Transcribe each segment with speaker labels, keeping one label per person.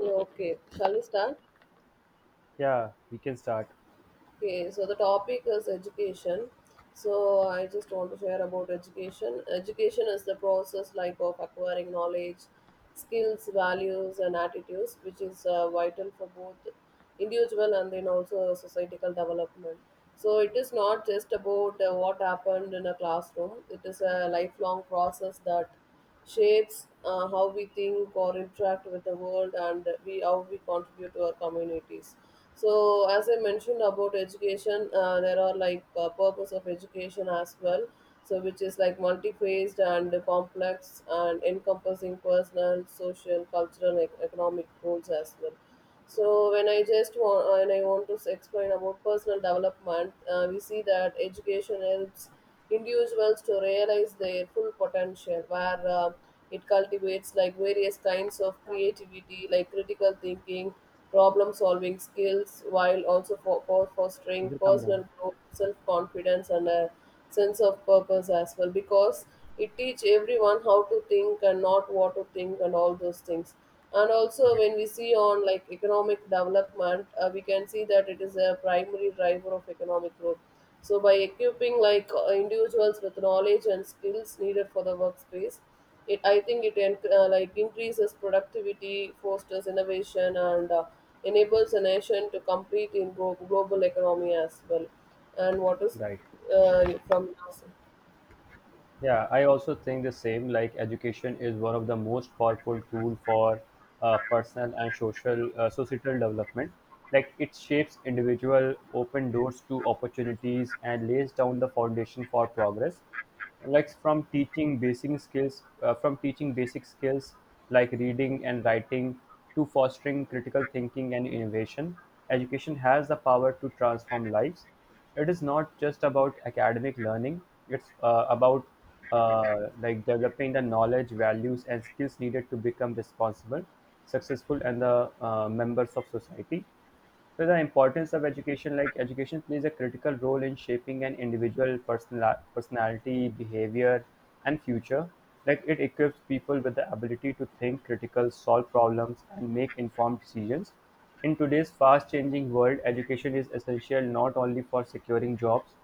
Speaker 1: Yeah, okay, shall we start?
Speaker 2: Yeah, we can start.
Speaker 1: Okay, so the topic is education. So I just want to share about education. Education is the process like of acquiring knowledge, skills, values, and attitudes, which is vital for both individual and then also societal development. So it is not just about what happened in a classroom. It is a lifelong process that shapes how we think or interact with the world, and we how we contribute to our communities. So as I mentioned about education, there are purpose of education as well, so which is like multi-phased and complex and encompassing personal, social, cultural, and economic goals as well. So when I just want and I want to explain about personal development. We see that education helps individuals to realize their full potential, where it cultivates like various kinds of creativity, like critical thinking, problem solving skills, while also for fostering
Speaker 2: Either come around.
Speaker 1: personal growth, self confidence, and a sense of purpose as well, because it teach everyone how to think and not what to think and all those things. And also when we see on like economic development, we can see that it is a primary driver of economic growth. So by equipping like individuals with knowledge and skills needed for the workspace, it I think it en- like increases productivity, fosters innovation, and enables a nation to compete in global economy as well. And what is
Speaker 2: Right.
Speaker 1: uh, from NASA?
Speaker 2: Yeah, I also think the same. Like education is one of the most powerful tool for personal and social societal development. Like it shapes individual, open doors to opportunities, and lays down the foundation for progress. like from teaching basic skills from teaching basic skills like reading and writing to fostering critical thinking and innovation, education has the power to transform lives. It is not just about academic learning, it's about like developing the knowledge values and skills needed to become responsible, successful and the members of society. So the importance of education, like education plays a critical role in shaping an individual personality, behavior and future. Like it equips people with the ability to think critical, solve problems and make informed decisions. In today's fast-changing world, education is essential not only for securing jobs,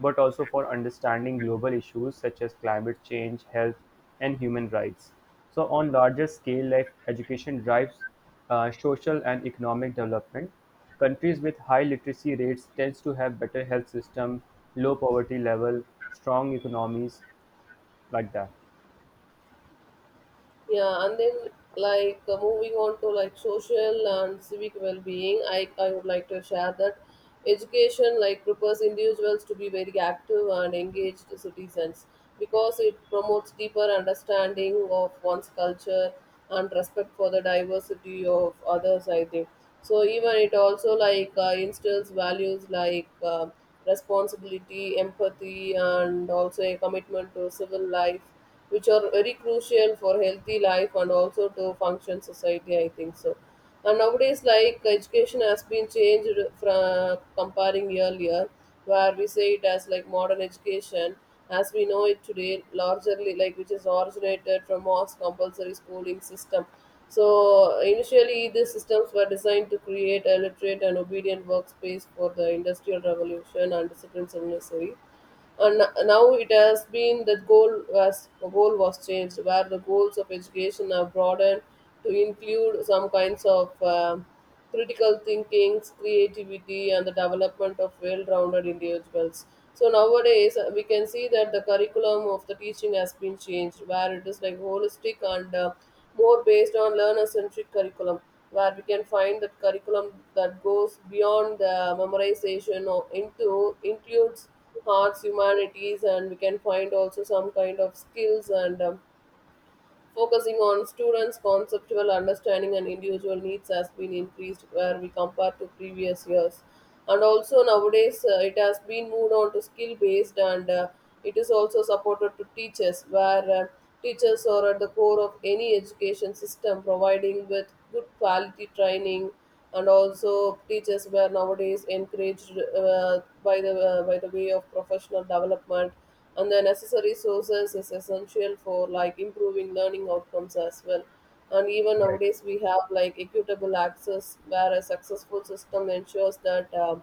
Speaker 2: but also for understanding global issues such as climate change, health, and human rights. So, on larger scale, like education drives social and economic development. Countries with high literacy rates tends to have better health system, low poverty level, strong economies, like that.
Speaker 1: Yeah, and then moving on to like social and civic well-being, I would like to share that education like prepares individuals to be very active and engaged citizens, because it promotes deeper understanding of one's culture and respect for the diversity of others, I think. So even it also instills values like responsibility, empathy, and also a commitment to civil life, which are very crucial for healthy life and also to function society, I think. So and nowadays like education has been changed from comparing earlier, where we say it as like modern education as we know it today, largely like which is originated from most compulsory schooling system. So initially these systems were designed to create a literate and obedient workspace for the industrial revolution and disciplines are necessary. And now it has been that goal was changed, where the goals of education are broadened to include some kinds of critical thinkings, creativity, and the development of well-rounded individuals. So nowadays we can see that the curriculum of the teaching has been changed, where it is like holistic and more based on learner-centric curriculum, where we can find that curriculum that goes beyond the memorization or into includes arts, humanities, and we can find also some kind of skills. And focusing on students' conceptual understanding and individual needs has been increased where we compare to previous years. And also nowadays, it has been moved on to skill based, and it is also supported to teachers, where teachers are at the core of any education system, providing with good quality training. And also, teachers were nowadays encouraged by the way of professional development, and the necessary sources is essential for like improving learning outcomes as well. And even nowadays we have like equitable access, where a successful system ensures that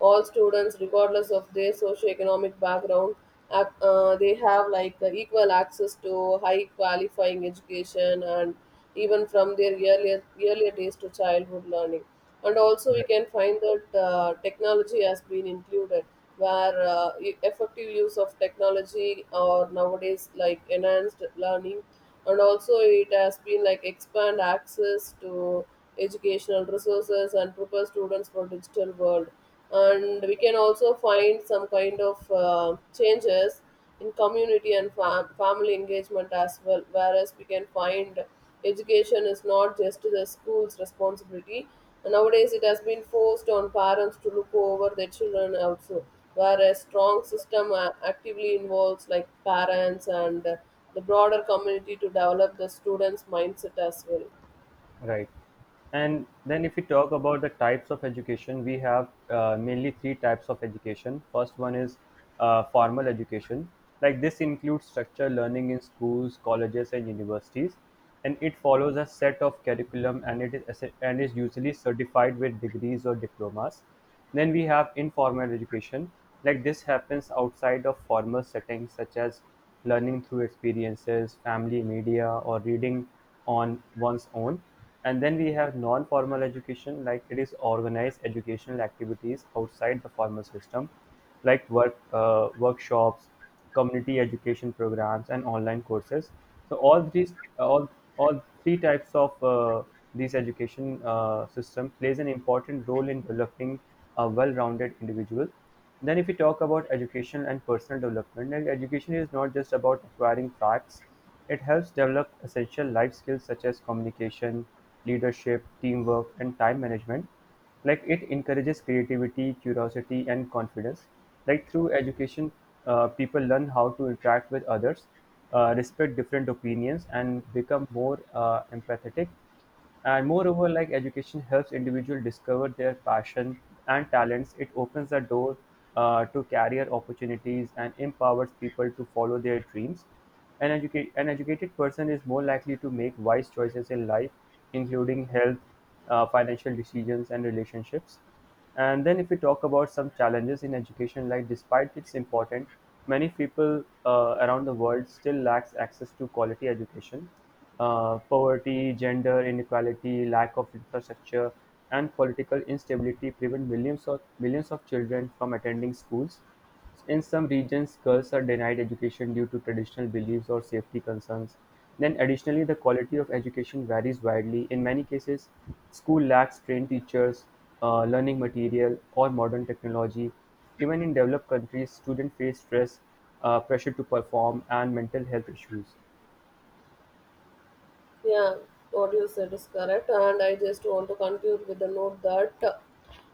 Speaker 1: all students, regardless of their socioeconomic background, they have like equal access to high qualifying education, and even from their earlier days to childhood learning. And also we can find that technology has been included, where effective use of technology or nowadays like enhanced learning, and also it has been like expand access to educational resources and prepare students for digital world. And we can also find some kind of changes in community and family engagement as well, whereas we can find education is not just the school's responsibility, and nowadays it has been forced on parents to look over their children also, whereas strong system actively involves like parents and the broader community to develop the students mindset as well.
Speaker 2: Right. And then if we talk about the types of education, we have mainly three types of education. First one is formal education. Like this includes structured learning in schools, colleges, and universities, and it follows a set of curriculum and it is and is usually certified with degrees or diplomas. Then we have informal education, like this happens outside of formal settings such as learning through experiences, family media, or reading on one's own. And then we have non formal education, like it is organized educational activities outside the formal system, like work, workshops, community education programs, and online courses. So all three all all three types of these education system plays an important role in developing a well-rounded individual. Then, if we talk about education and personal development, then education is not just about acquiring facts. It helps develop essential life skills such as communication, leadership, teamwork, and time management. Like it encourages creativity, curiosity and confidence. Like through education, people learn how to interact with others, respect different opinions and become more empathetic. And moreover, like education helps individual discover their passion and talents. It opens the door to career opportunities and empowers people to follow their dreams. An educated person is more likely to make wise choices in life, including health, financial decisions, and relationships. And then, if we talk about some challenges in education, like despite its importance, many people around the world still lacks access to quality education. Poverty, gender inequality, lack of infrastructure, and political instability prevent millions of children from attending schools. In some regions, girls are denied education due to traditional beliefs or safety concerns. Then, additionally, the quality of education varies widely. In many cases, school lacks trained teachers, learning material, or modern technology. Even in developed countries, students face stress, pressure to perform, and mental health issues.
Speaker 1: Yeah, what you said is correct, and I just want to conclude with the note that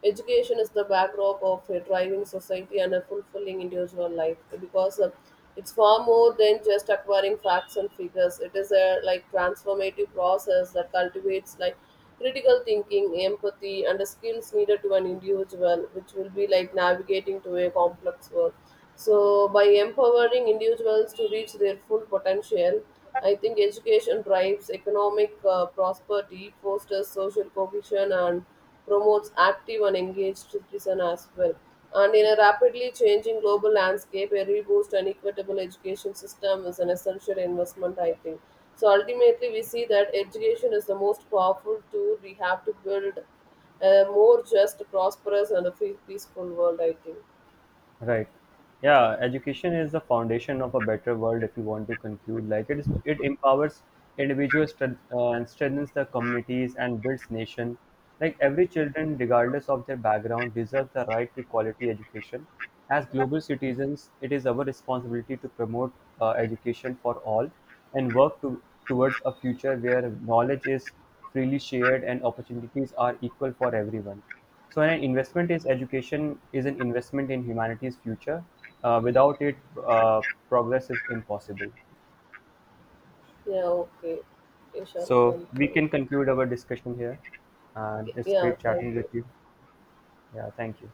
Speaker 1: education is the backdrop of a thriving society and a fulfilling individual life, because it's far more than just acquiring facts and figures. It is a like transformative process that cultivates like critical thinking, empathy, and the skills needed to an individual, which will be like navigating to a complex world. So, by empowering individuals to reach their full potential, I think education drives economic prosperity, fosters social cohesion, and promotes active and engaged citizens as well. And in a rapidly changing global landscape, a robust and equitable education system is an essential investment, I think. So ultimately, we see that education is the most powerful tool we have to build a more just, prosperous, and a peaceful world, I think.
Speaker 2: Right. Yeah, education is the foundation of a better world if you want to conclude. It empowers individuals, and strengthens the communities and builds nation. Like every children, regardless of their background, deserve the right to quality education. As global citizens, it is our responsibility to promote education for all and towards a future where knowledge is freely shared and opportunities are equal for everyone. So an investment is education is an investment in humanity's future. Without it, uh, progress is impossible.
Speaker 1: Yeah, okay. You
Speaker 2: So
Speaker 1: thank
Speaker 2: we
Speaker 1: you.
Speaker 2: can conclude our discussion here. And it's
Speaker 1: Yeah,
Speaker 2: great
Speaker 1: thank
Speaker 2: chatting
Speaker 1: you.
Speaker 2: with you. Yeah, thank you.